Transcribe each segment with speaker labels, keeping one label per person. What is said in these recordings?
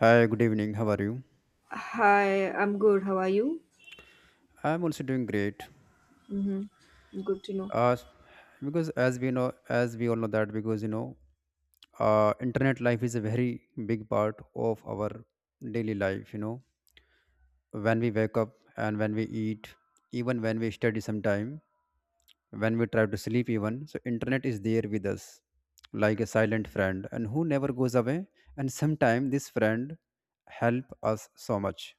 Speaker 1: Hi, good evening. How are you?
Speaker 2: Hi, I'm good. How are you?
Speaker 1: I'm also doing great.
Speaker 2: Mm-hmm. Good to know.
Speaker 1: Uh, because as we know, as we all know that internet life is a very big part of our daily life. You know, when we wake up and when we eat, even when we study sometime, when we try to sleep even, so internet is there with us, like a silent friend, and who never goes away. And sometime this friend help us so much,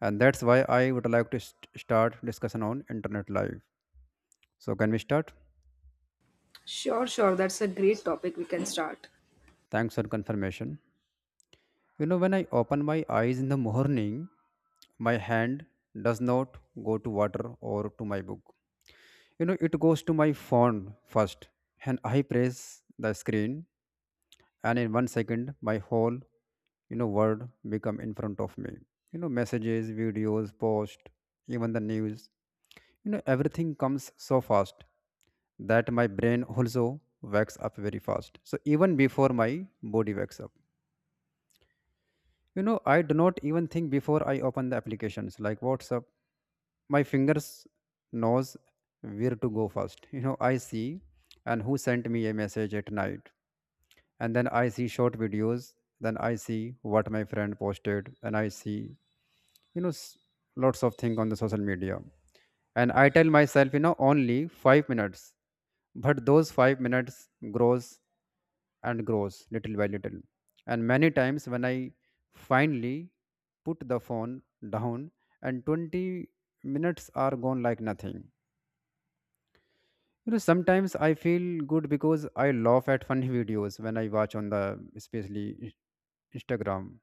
Speaker 1: and that's why I would like to start discussion on internet life. So, can we start?
Speaker 2: Sure, sure. That's a great topic. We can start.
Speaker 1: Thanks for confirmation. You know, when I open my eyes in the morning, my hand does not go to water or to my book. You know, it goes to my phone first, and I press the screen, and in 1 second, my whole, you know, world become in front of me. You know, messages, videos, post, even the news. You know, everything comes so fast that my brain also wakes up very fast. So even before my body wakes up, you know, I do not even think before I open the applications like WhatsApp. My fingers knows where to go first. You know, I see and who sent me a message at night. And then I see short videos. Then I see what my friend posted. And I see, you know, lots of things on the social media. And I tell myself, you know, only 5 minutes. But those 5 minutes grows and grows little by little. And many times when I finally put the phone down and 20 minutes are gone like nothing. You know, sometimes I feel good because I laugh at funny videos when I watch on the especially Instagram,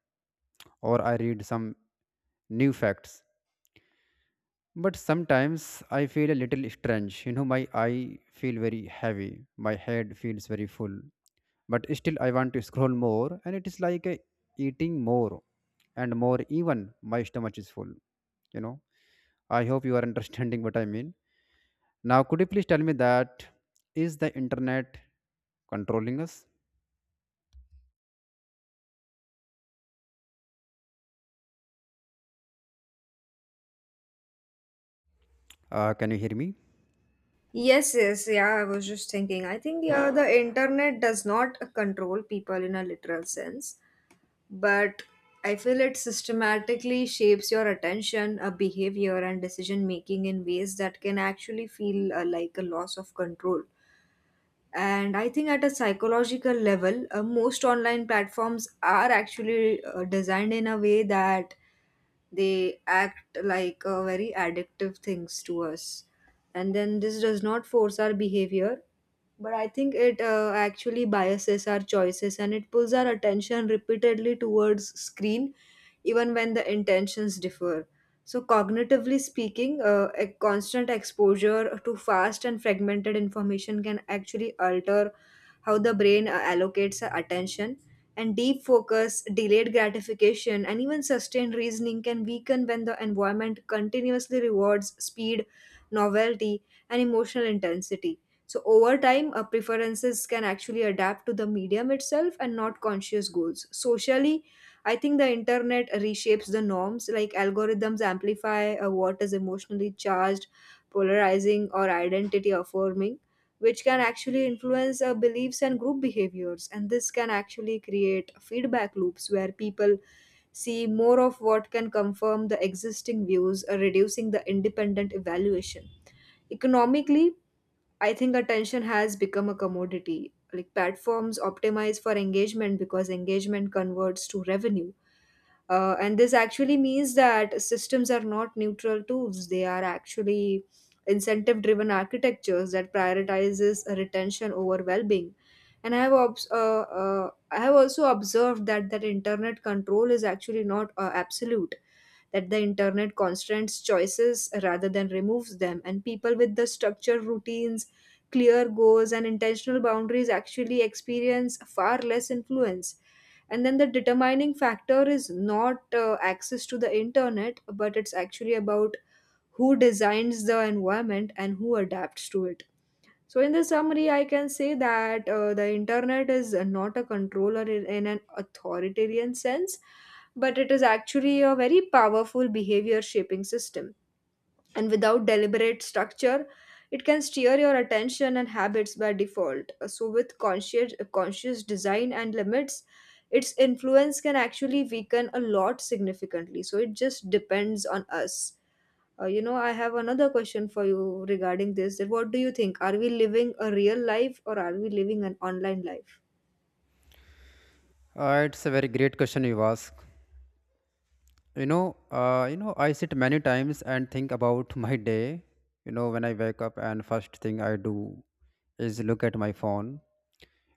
Speaker 1: or I read some new facts. But sometimes I feel a little strange. You know, my eye feel very heavy, my head feels very full, but still I want to scroll more, and it is like eating more and more, even my stomach is full. You know, I hope you are understanding what I mean. Now, could you please tell me that is the internet controlling us? Can you hear me?
Speaker 2: Yes, yes. Yeah, I was just thinking. I think, yeah, the internet does not control people in a literal sense, but I feel it systematically shapes your attention, a behavior, and decision making in ways that can actually feel like a loss of control. And I think at a psychological level, most online platforms are actually designed in a way that they act like very addictive things to us, and then this does not force our behavior, but I think it actually biases our choices, and it pulls our attention repeatedly towards screen even when the intentions differ. So cognitively speaking, a constant exposure to fast and fragmented information can actually alter how the brain allocates attention, and deep focus, delayed gratification, and even sustained reasoning can weaken when the environment continuously rewards speed, novelty, and emotional intensity. So, over time, our preferences can actually adapt to the medium itself and not conscious goals. Socially, I think the internet reshapes the norms, like algorithms amplify what is emotionally charged, polarizing, or identity affirming, which can actually influence beliefs and group behaviors. And this can actually create feedback loops where people see more of what can confirm the existing views, reducing the independent evaluation. Economically, I think attention has become a commodity. Like platforms optimize for engagement because engagement converts to revenue, and this actually means that systems are not neutral tools. They are actually incentive driven architectures that prioritizes retention over well-being. And I have I have also observed that internet control is actually not absolute. That the internet constrains choices rather than removes them, and people with the structured routines, clear goals, and intentional boundaries actually experience far less influence, and then the determining factor is not access to the internet, but it's actually about who designs the environment and who adapts to it. So in the summary I can say that the internet is not a controller in an authoritarian sense, but it is actually a very powerful behavior shaping system, and without deliberate structure, it can steer your attention and habits by default. So with conscious design and limits, its influence can actually weaken a lot significantly, so it just depends on us. You know, I have another question for you regarding this, that what do you think, are we living a real life, or are we living an online life?
Speaker 1: It's a very great question you ask. I sit many times and think about my day. You know, when I wake up and first thing I do is look at my phone.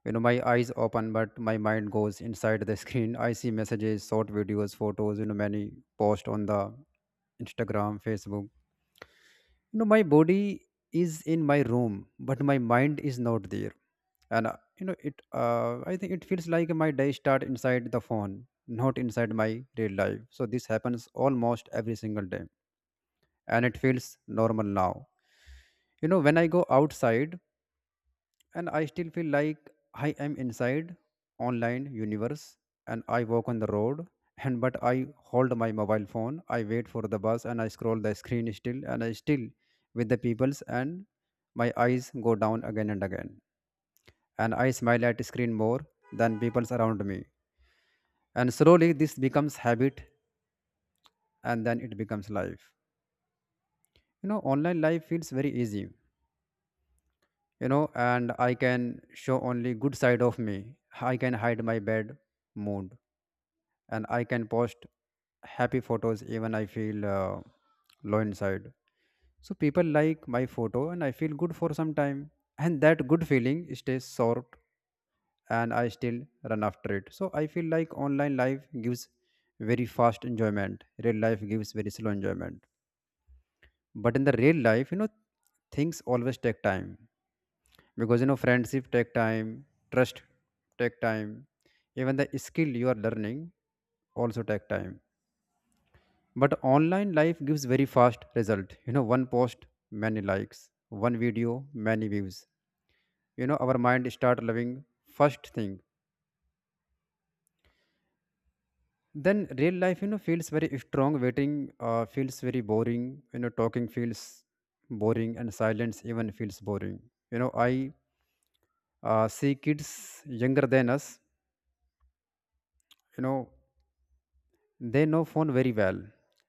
Speaker 1: You know, my eyes open but my mind goes inside the screen. I see messages, short videos, photos, you know, many posts on the Instagram, Facebook. You know, my body is in my room but my mind is not there. And uh, you know it uh, I think it feels like my day start inside the phone, not inside my real life. So this happens almost every single day, and it feels normal now. You know, when I go outside, and I still feel like I am inside online universe. And I walk on the road and but I hold my mobile phone, I wait for the bus and I scroll the screen still, and I still with the peoples and my eyes go down again and again, and I smile at screen more than peoples around me. And slowly this becomes habit, and then it becomes life. You know, online life feels very easy, you know, and I can show only good side of me. I can hide my bad mood, and I can post happy photos even I feel low inside. So people like my photo and I feel good for some time, and that good feeling stays short, and I still run after it. So I feel like online life gives very fast enjoyment, real life gives very slow enjoyment. But in the real life, you know, things always take time because you know friendship take time, trust take time, even the skill you are learning also take time. But online life gives very fast result. You know, one post, many likes. One video, many views. You know, our mind start loving first thing. Then real life, you know, feels very strong. Waiting feels very boring. You know, talking feels boring, and silence even feels boring. You know, I see kids younger than us. You know, they know phone very well.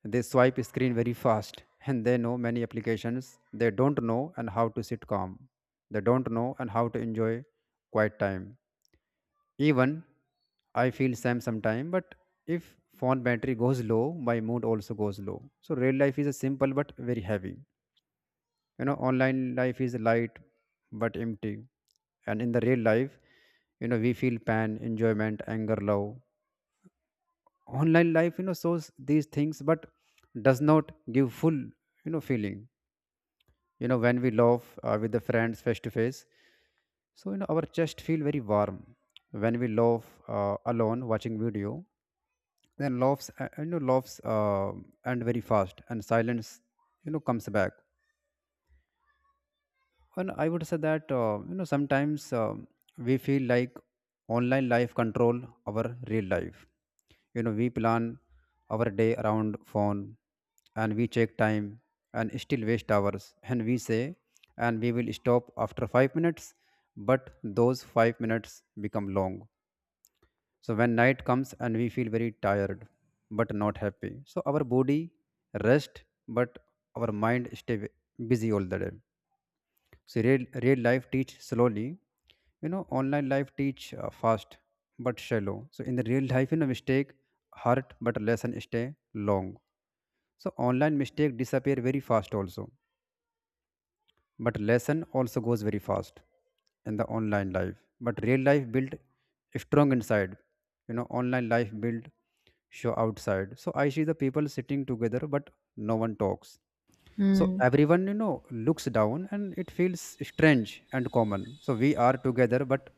Speaker 1: They swipe screen very fast and they know many applications. They don't know and how to sit calm. They don't know and how to enjoy quiet time. Even I feel same sometime, but if phone battery goes low, my mood also goes low. So real life is a simple but very heavy. You know, online life is light but empty. And in the real life, you know, we feel pain, enjoyment, anger, love. Online life, you know, shows these things but does not give full, you know, feeling. You know, when we laugh with the friends face to face, so you know our chest feel very warm. When we laugh alone watching video, then laughs and very fast and silence, you know, comes back. And I would say that, you know, sometimes we feel like online life control our real life. You know we plan our day around phone, and we check time and still waste hours. And we say, and we will stop after 5 minutes, but those 5 minutes become long. So when night comes and we feel very tired, but not happy. So our body rest, but our mind stay busy all the day. So real life teach slowly. You know, online life teach fast but shallow. So in the real life, you know, mistake hurt but lesson stay long. So online mistake disappear very fast also, but lesson also goes very fast in the online life. But real life build strong inside. You know, online life build show outside. So I see the people sitting together, but no one talks. So
Speaker 2: Hmm.
Speaker 1: everyone, you know, looks down and it feels strange and common. So we are together but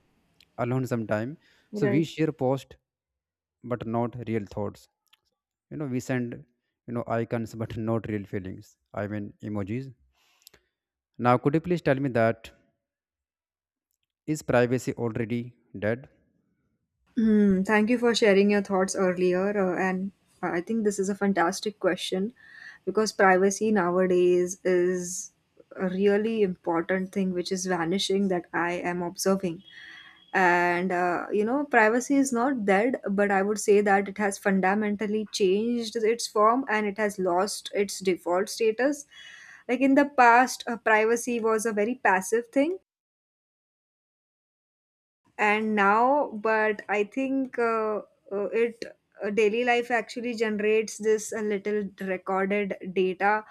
Speaker 1: alone sometime. So we
Speaker 2: Right.
Speaker 1: share post but not real thoughts. You know, we send, you know, icons but not real feelings, I mean emojis. Now, could you please tell me that is privacy already dead?
Speaker 2: Hmm, thank you for sharing your thoughts earlier. And I think this is a fantastic question because privacy nowadays is a really important thing which is vanishing, that I am observing. And, you know, privacy is not dead, but I would say that it has fundamentally changed its form, and it has lost its default status. Like in the past, privacy was a very passive thing, and now, but I think it, daily life actually generates this a little recorded data,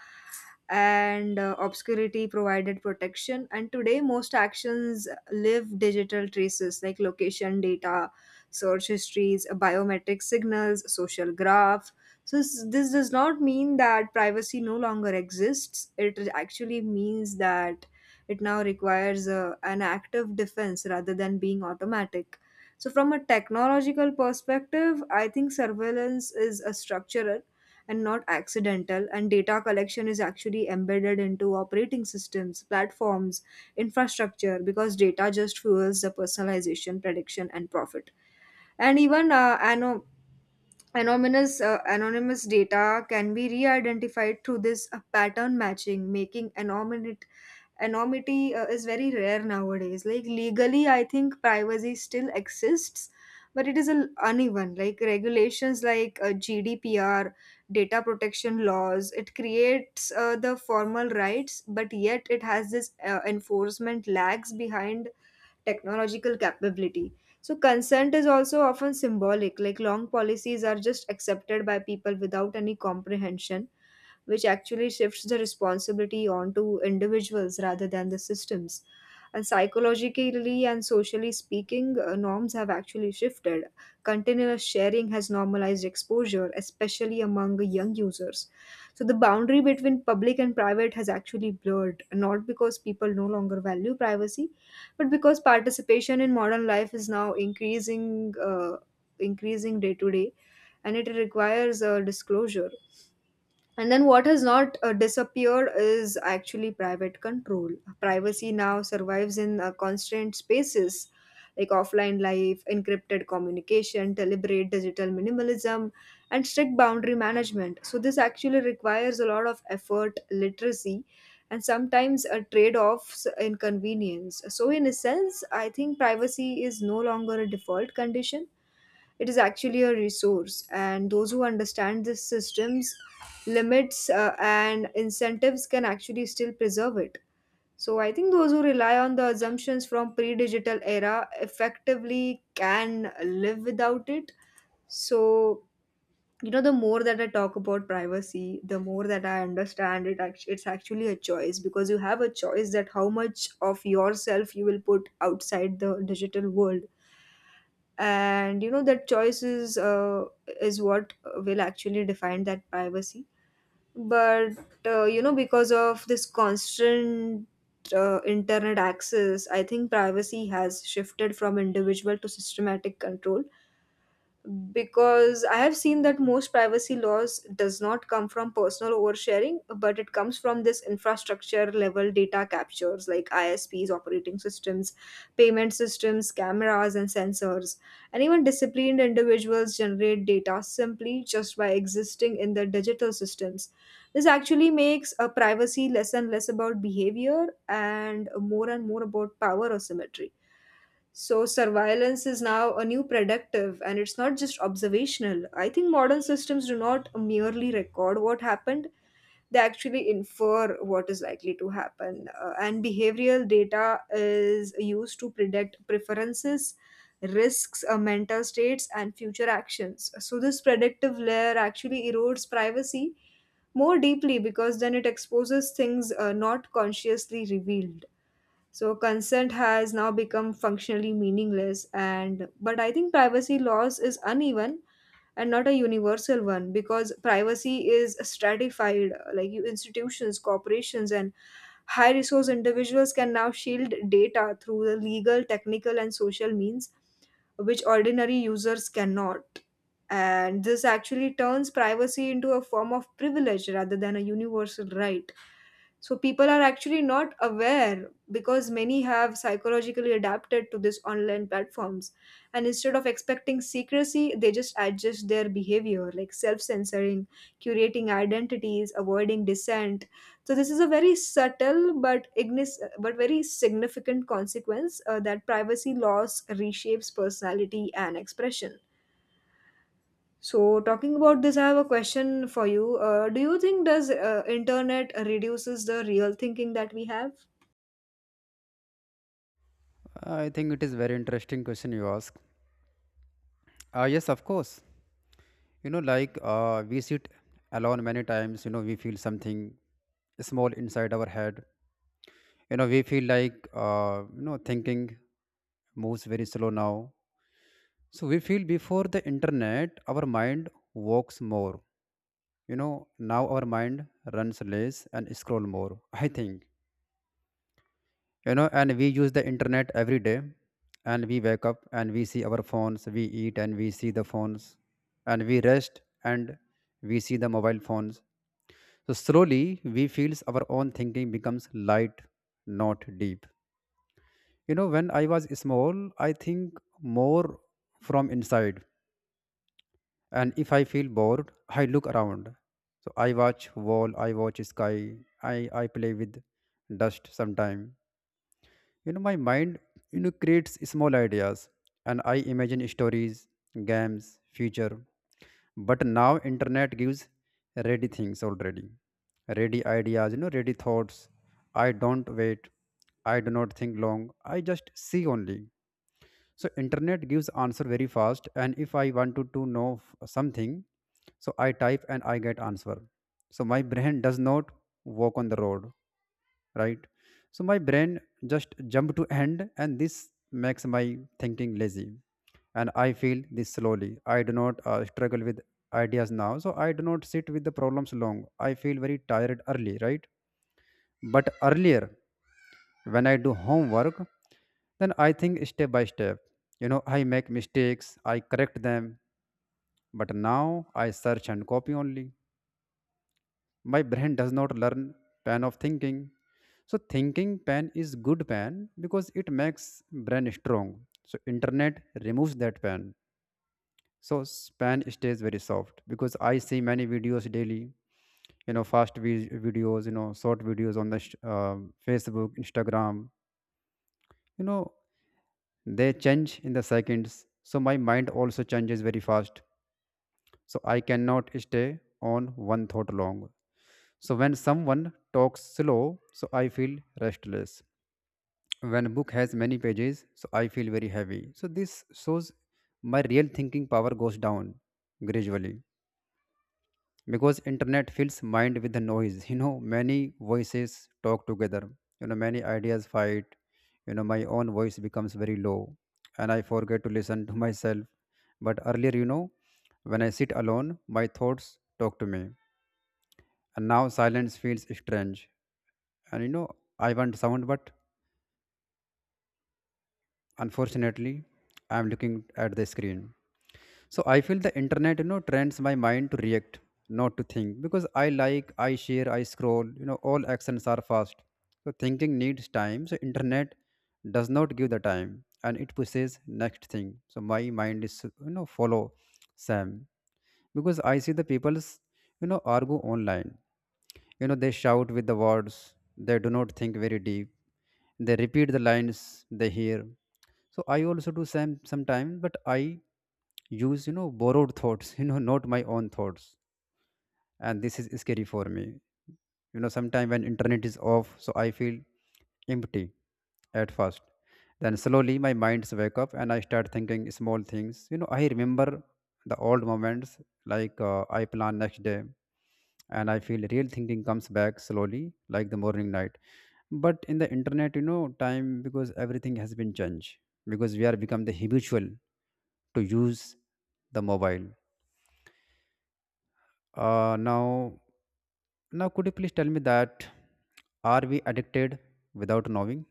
Speaker 2: and obscurity provided protection, and today most actions live digital traces like location data, search histories, biometric signals, social graph. So this does not mean that privacy no longer exists. It actually means that it now requires a, an active defense rather than being automatic. So from a technological perspective, I think surveillance is a structural and not accidental, and data collection is actually embedded into operating systems, platforms, infrastructure, because data just fuels the personalization, prediction, and profit. And even anonymous, anonymous data can be re identified through this pattern matching, making anonymity is very rare nowadays. Like legally, I think privacy still exists, but it is a, uneven, like regulations like GDPR, data protection laws. It creates the formal rights, but yet it has this enforcement lags behind technological capability. So, consent is also often symbolic, like long policies are just accepted by people without any comprehension, which actually shifts the responsibility onto individuals rather than the systems. And psychologically and socially speaking, norms have actually shifted. Continuous sharing has normalized exposure, especially among young users. So the boundary between public and private has actually blurred, not because people no longer value privacy, but because participation in modern life is now increasing day to day, and it requires a disclosure. And then what has not disappeared is actually private control. Privacy now survives in constant spaces, like offline life, encrypted communication, deliberate digital minimalism, and strict boundary management. So, this actually requires a lot of effort, literacy, and sometimes a trade offs in convenience. So, in a sense, I think privacy is no longer a default condition. It is actually a resource, and those who understand this system's limits and incentives can actually still preserve it. So I think those who rely on the assumptions from pre-digital era effectively can live without it. So, you know, the more that I talk about privacy, the more that I understand it. It's actually a choice, because you have a choice, that how much of yourself you will put outside the digital world, and you know that choice is what will actually define that privacy. But you know, because of this constant internet access, I think privacy has shifted from individual to systematic control, because I have seen that most privacy laws does not come from personal oversharing, but it comes from this infrastructure level data captures, like ISPs, operating systems, payment systems, cameras, and sensors. And even disciplined individuals generate data simply just by existing in the digital systems. This actually makes a privacy less and less about behavior and more about power asymmetry. So surveillance is now a new predictive, and it's not just observational. I think modern systems do not merely record what happened, they actually infer what is likely to happen. And behavioral data is used to predict preferences, risks, mental states, and future actions. So this predictive layer actually erodes privacy more deeply, because then it exposes things not consciously revealed. So consent has now become functionally meaningless, and but I think privacy laws is uneven and not a universal one, because privacy is stratified, like you institutions, corporations, and high resource individuals can now shield data through the legal, technical, and social means which ordinary users cannot. And this actually turns privacy into a form of privilege rather than a universal right. So people are actually not aware, because many have psychologically adapted to these online platforms. And instead of expecting secrecy, they just adjust their behavior, like self censoring, curating identities, avoiding dissent. So this is a very subtle but but very significant consequence, that privacy loss reshapes personality and expression. So talking about this, I have a question for you. Do you think does internet reduces the real thinking that we have?
Speaker 1: I think it is very interesting question you ask. Yes, of course. You know, like, we sit alone many times, you know, we feel something small inside our head. You know, we feel like, thinking moves very slow now. So we feel before the internet our mind walks more. You know, now our mind runs less and scroll more. I think, you know, and we use the internet every day, and we wake up and we see our phones, we eat and we see the phones, and we rest and we see the mobile phones. So slowly we feels our own thinking becomes light, not deep. You know, when I was small, I think more from inside. And if I feel bored, I look around. So I watch wall, I watch sky, I play with dust sometime. You know, my mind, you know, creates small ideas and I imagine stories, games, future. But now internet gives ready things already. Ready ideas, you know, ready thoughts. I don't wait. I do not think long. I just see only. So internet gives answer very fast, and if I wanted to know something, so I type and I get answer. So my brain does not walk on the road, right? So my brain just jump to end, and this makes my thinking lazy. And I feel this slowly I do not struggle with ideas now, so I do not sit with the problems long. I feel very tired early, right? But earlier, when I do homework, then I think step by step. You know, I make mistakes, I correct them, but now I search and copy only. My brain does not learn pen of thinking. So thinking pen is good pen because it makes brain strong. So internet removes that pen. So pen stays very soft because I see many videos daily. You know, fast videos, you know, short videos on the Facebook, Instagram. You know, they change in the seconds, so my mind also changes very fast, so I cannot stay on one thought long. So when someone talks slow, so I feel restless. When book has many pages, so I feel very heavy. So this shows my real thinking power goes down gradually, because internet fills mind with the noise. You know, many voices talk together, many ideas fight. My own voice becomes very low and I forget to listen to myself. But earlier, when I sit alone, my thoughts talk to me. And now silence feels strange. And you know I want sound, but unfortunately I am looking at the screen. So I feel the internet, you know, trains my mind to react, not to think. Because I like, I share, I scroll, you know, all actions are fast. So thinking needs time. So internet does not give the time and it pushes next thing. So my mind is, you know, follow Sam. Because I see the people's, you know, argue online. You know, they shout with the words, they do not think very deep. They repeat the lines they hear, so I also do same sometimes. But i use borrowed thoughts not my own thoughts, and this is scary for me. Sometimes when internet is off, so I feel empty at first. Then slowly my minds wake up and I start thinking small things. I remember the old moments, like I plan next day, and I feel real thinking comes back slowly, like the morning night. But in the internet, time, because everything has been changed, because we are become the habitual to use the mobile. uh, now now could you please tell me that, are we addicted without knowing?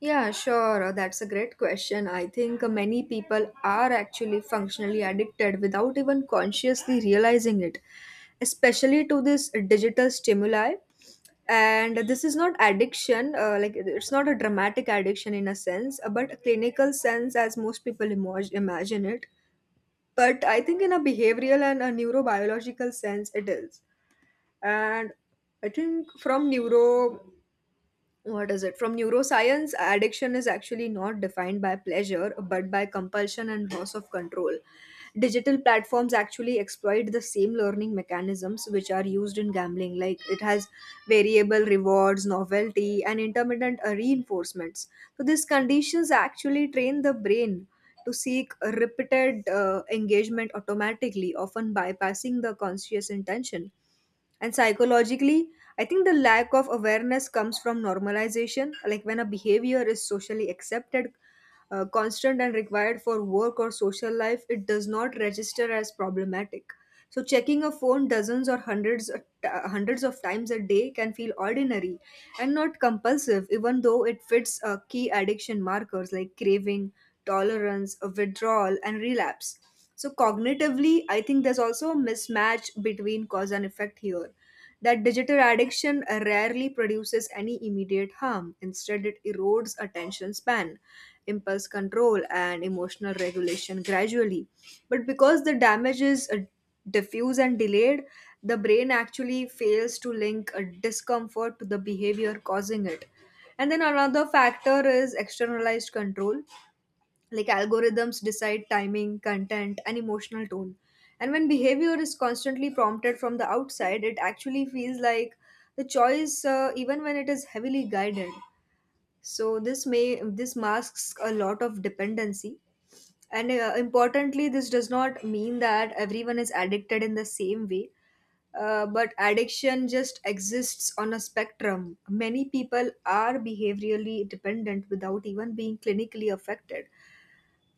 Speaker 2: Yeah, sure. That's a great question. I think many people are actually functionally addicted without even consciously realizing it, especially to this digital stimuli. And this is not addiction, like it's not a dramatic addiction in a sense, but a clinical sense as most people imagine it, but I think in a behavioral and a neurobiological sense it is. And I think from neuro, what is it, from neuroscience, addiction is actually not defined by pleasure but by compulsion and loss of control. Digital platforms actually exploit the same learning mechanisms which are used in gambling, like it has variable rewards, novelty, and intermittent reinforcements. So these conditions actually train the brain to seek repeated engagement automatically, often bypassing the conscious intention. And psychologically, I think the lack of awareness comes from normalization. Like when a behavior is socially accepted, constant, and required for work or social life, it does not register as problematic. So, checking a phone dozens or hundreds of times a day can feel ordinary and not compulsive, even though it fits key addiction markers like craving, tolerance, withdrawal, and relapse. So, cognitively, I think there's also a mismatch between cause and effect here, that digital addiction rarely produces any immediate harm. Instead, it erodes attention span, impulse control, and emotional regulation gradually. But because the damage is diffuse and delayed, the brain actually fails to link a discomfort to the behavior causing it. And then another factor is externalized control, like algorithms decide timing, content and emotional tone, and when behavior is constantly prompted from the outside, it actually feels like the choice, even when it is heavily guided. So this masks a lot of dependency. And uh, importantly this does not mean that everyone is addicted in the same way. But addiction just exists on a spectrum. Many people are behaviorally dependent without even being clinically affected,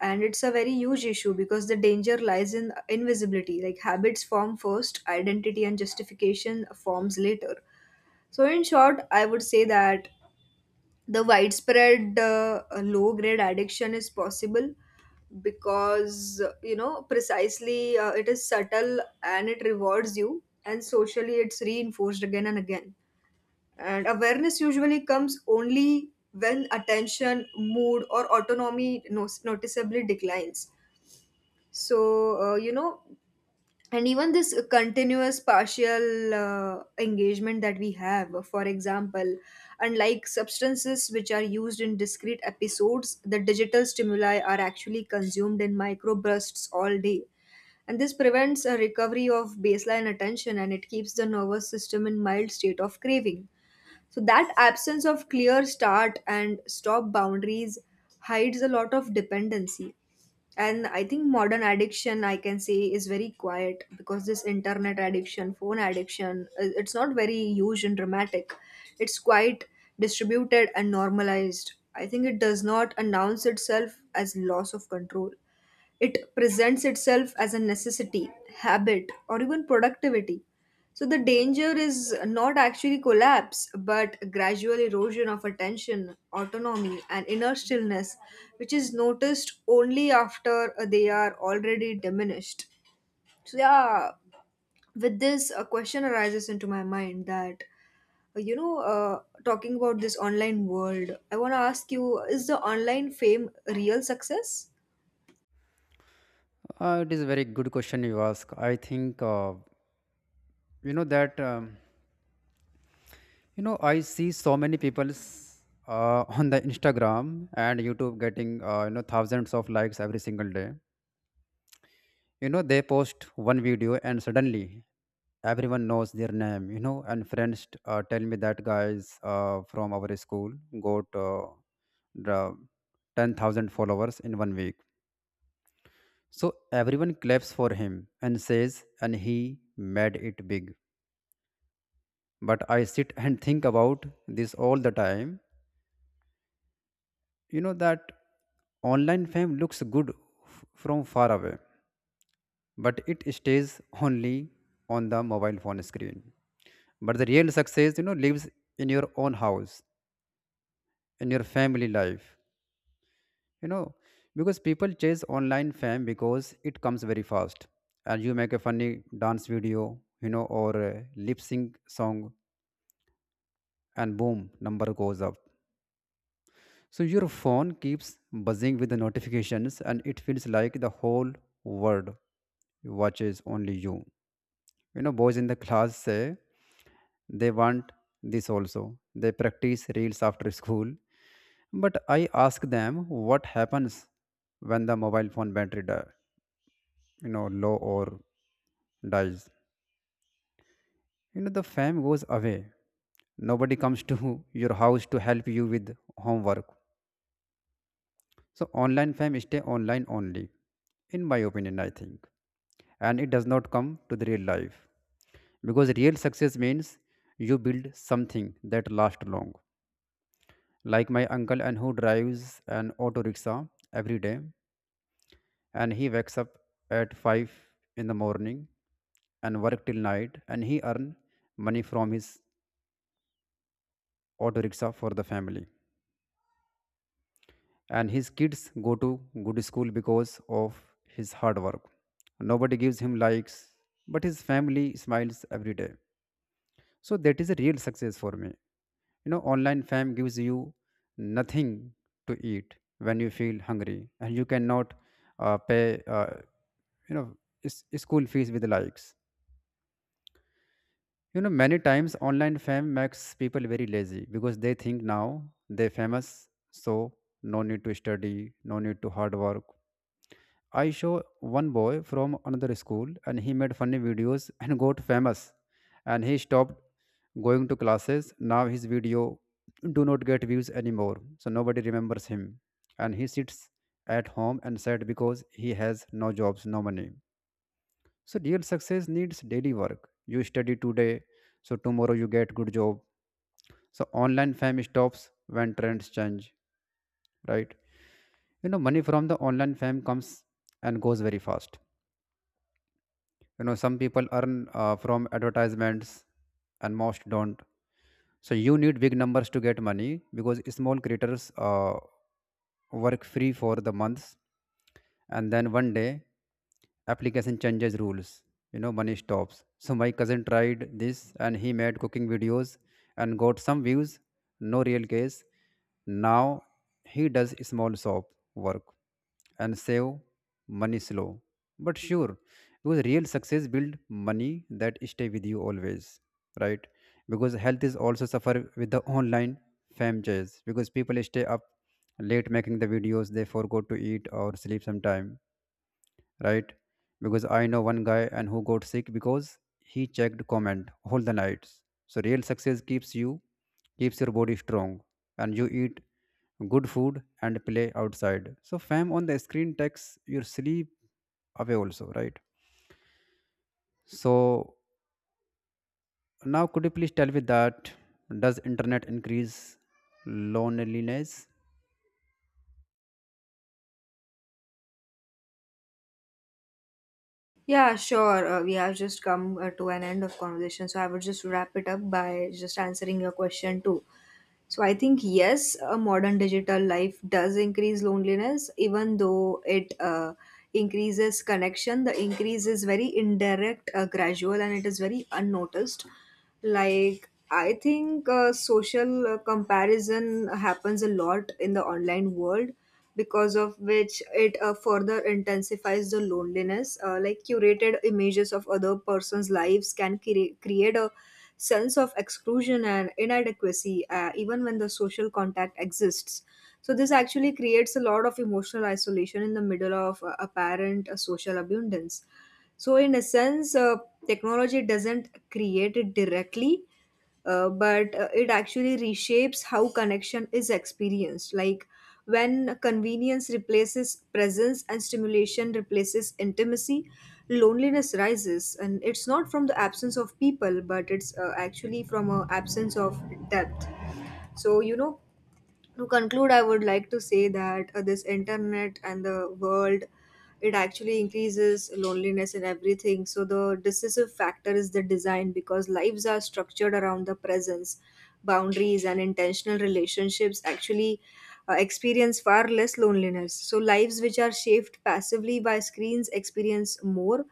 Speaker 2: and it's a very huge issue because the danger lies in invisibility. Like, habits form first, identity and justification forms later. So in short, I would say that the widespread low grade addiction is possible because, you know, precisely, it is subtle and it rewards you, and socially it's reinforced again and again. And awareness usually comes only when attention, mood or autonomy noticeably declines. So, and even this continuous partial engagement that we have, for example, unlike substances which are used in discrete episodes, the digital stimuli are actually consumed in microbursts all day, and this prevents a recovery of baseline attention and it keeps the nervous system in mild state of craving. So that absence of clear start and stop boundaries hides a lot of dependency. And I think modern addiction, I can say, is very quiet, because this internet addiction, phone addiction, it's not very huge and dramatic. It's quite distributed and normalized. I think it does not announce itself as loss of control. It presents itself as a necessity, habit, or even productivity. So the danger is not actually collapse, but gradual erosion of attention, autonomy, and inner stillness, which is noticed only after they are already diminished. So yeah, with this, a question arises into my mind that, talking about this online world, I want to ask you: is the online fame real success?
Speaker 1: It is a very good question you ask. I think, you know that you know I see so many people's, on the Instagram and YouTube, getting, you know, thousands of likes every single day. You know, they post one video and suddenly everyone knows their name. You know, and friends tell me that guys from our school got, the 10,000 followers in one week. So everyone claps for him and says and he made it big. But I sit and think about this all the time. You know that Online fame looks good from far away, but it stays only on the mobile phone screen. But the real success, you know, lives in your own house, in your family life, you know, because people chase online fame because it comes very fast. And you make a funny dance video, you know, or a lip sync song, and boom, number goes up. So your phone keeps buzzing with the notifications, and it feels like the whole world watches only you. You know, boys in the class say they want this also. They practice reels after school. But I ask them what happens when the mobile phone battery die, you know, low or dies. You know, the fame goes away. Nobody comes to your house to help you with homework. So online fame stay online only, in my opinion, I think. And it does not come to the real life. Because real success means you build something that lasts long. Like my uncle and who drives an auto rickshaw every day, and he wakes up at 5 in the morning and work till night, and he earn money from his auto rickshaw for the family, and his kids go to good school because of his hard work. Nobody gives him likes, but his family smiles every day. So that is a real success for me. You know, online fam gives you nothing to eat when you feel hungry, and you cannot pay, you know school fees with likes. You know, many times online fame makes people very lazy because they think now they're famous, so no need to study, no need to hard work. I saw one boy from another school and he made funny videos and got famous, and he stopped going to classes. Now his video do not get views anymore. So nobody remembers him. And he sits at home and sad because he has no jobs, no money. So real success needs daily work. You study today, so tomorrow you get good job. So online fame stops when trends change, right? You know, money from the online fame comes and goes very fast. You know, some people earn from advertisements, and most don't. So you need big numbers to get money, because small creators work free for the months, and then one day application changes rules. You know, money stops. So my cousin tried this and he made cooking videos and got some views, no real case. Now he does small shop work and save money slow but sure, because real success build money that stay with you always, right? Because health is also suffer with the online fame chase, because people stay up late making the videos, they forgot to eat or sleep sometime, right? Because I know one guy and who got sick because he checked comment all the nights. So real success keeps you, keeps your body strong, and you eat good food and play outside. So fam on the screen takes your sleep away also, right? So now could you please tell me that, does internet increase loneliness?
Speaker 2: Yeah, sure. We have just come to an end of conversation, so I would just wrap it up by just answering your question too. So I think yes, a modern digital life does increase loneliness, even though it increases connection. The increase is very indirect, gradual, and it is very unnoticed. Like, I think social comparison happens a lot in the online world, because of which it further intensifies the loneliness. Like curated images of other person's lives can create a sense of exclusion and inadequacy, even when the social contact exists. So this actually creates a lot of emotional isolation in the middle of apparent social abundance. So, in a sense, technology doesn't create it directly, but it actually reshapes how connection is experienced. Like, when convenience replaces presence and stimulation replaces intimacy, loneliness rises, and it's not from the absence of people, but it's actually from an absence of depth. So you know, to conclude, I would like to say that this internet and the world, it actually increases loneliness and everything. So the decisive factor is the design, because lives are structured around the presence, boundaries and intentional relationships actually experience far less loneliness. So lives which are shaped passively by screens experience more,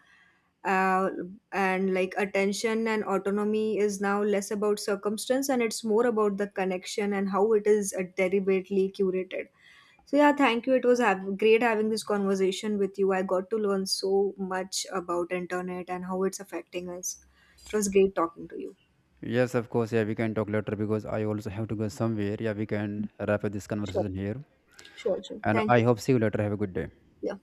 Speaker 2: uh, and like attention and autonomy is now less about circumstance and it's more about the connection and how it is deliberately curated. So yeah, thank you, it was great having this conversation with you. I got to learn so much about internet and how it's affecting us. It was great talking to you.
Speaker 1: Yes, of course. Yeah, we can talk later because I also have to go somewhere. Yeah, we can wrap up this
Speaker 2: Sure,
Speaker 1: conversation here.
Speaker 2: sure, sure.
Speaker 1: And
Speaker 2: Thank
Speaker 1: I
Speaker 2: you.
Speaker 1: hope see you later. Have a good day.
Speaker 2: Yeah.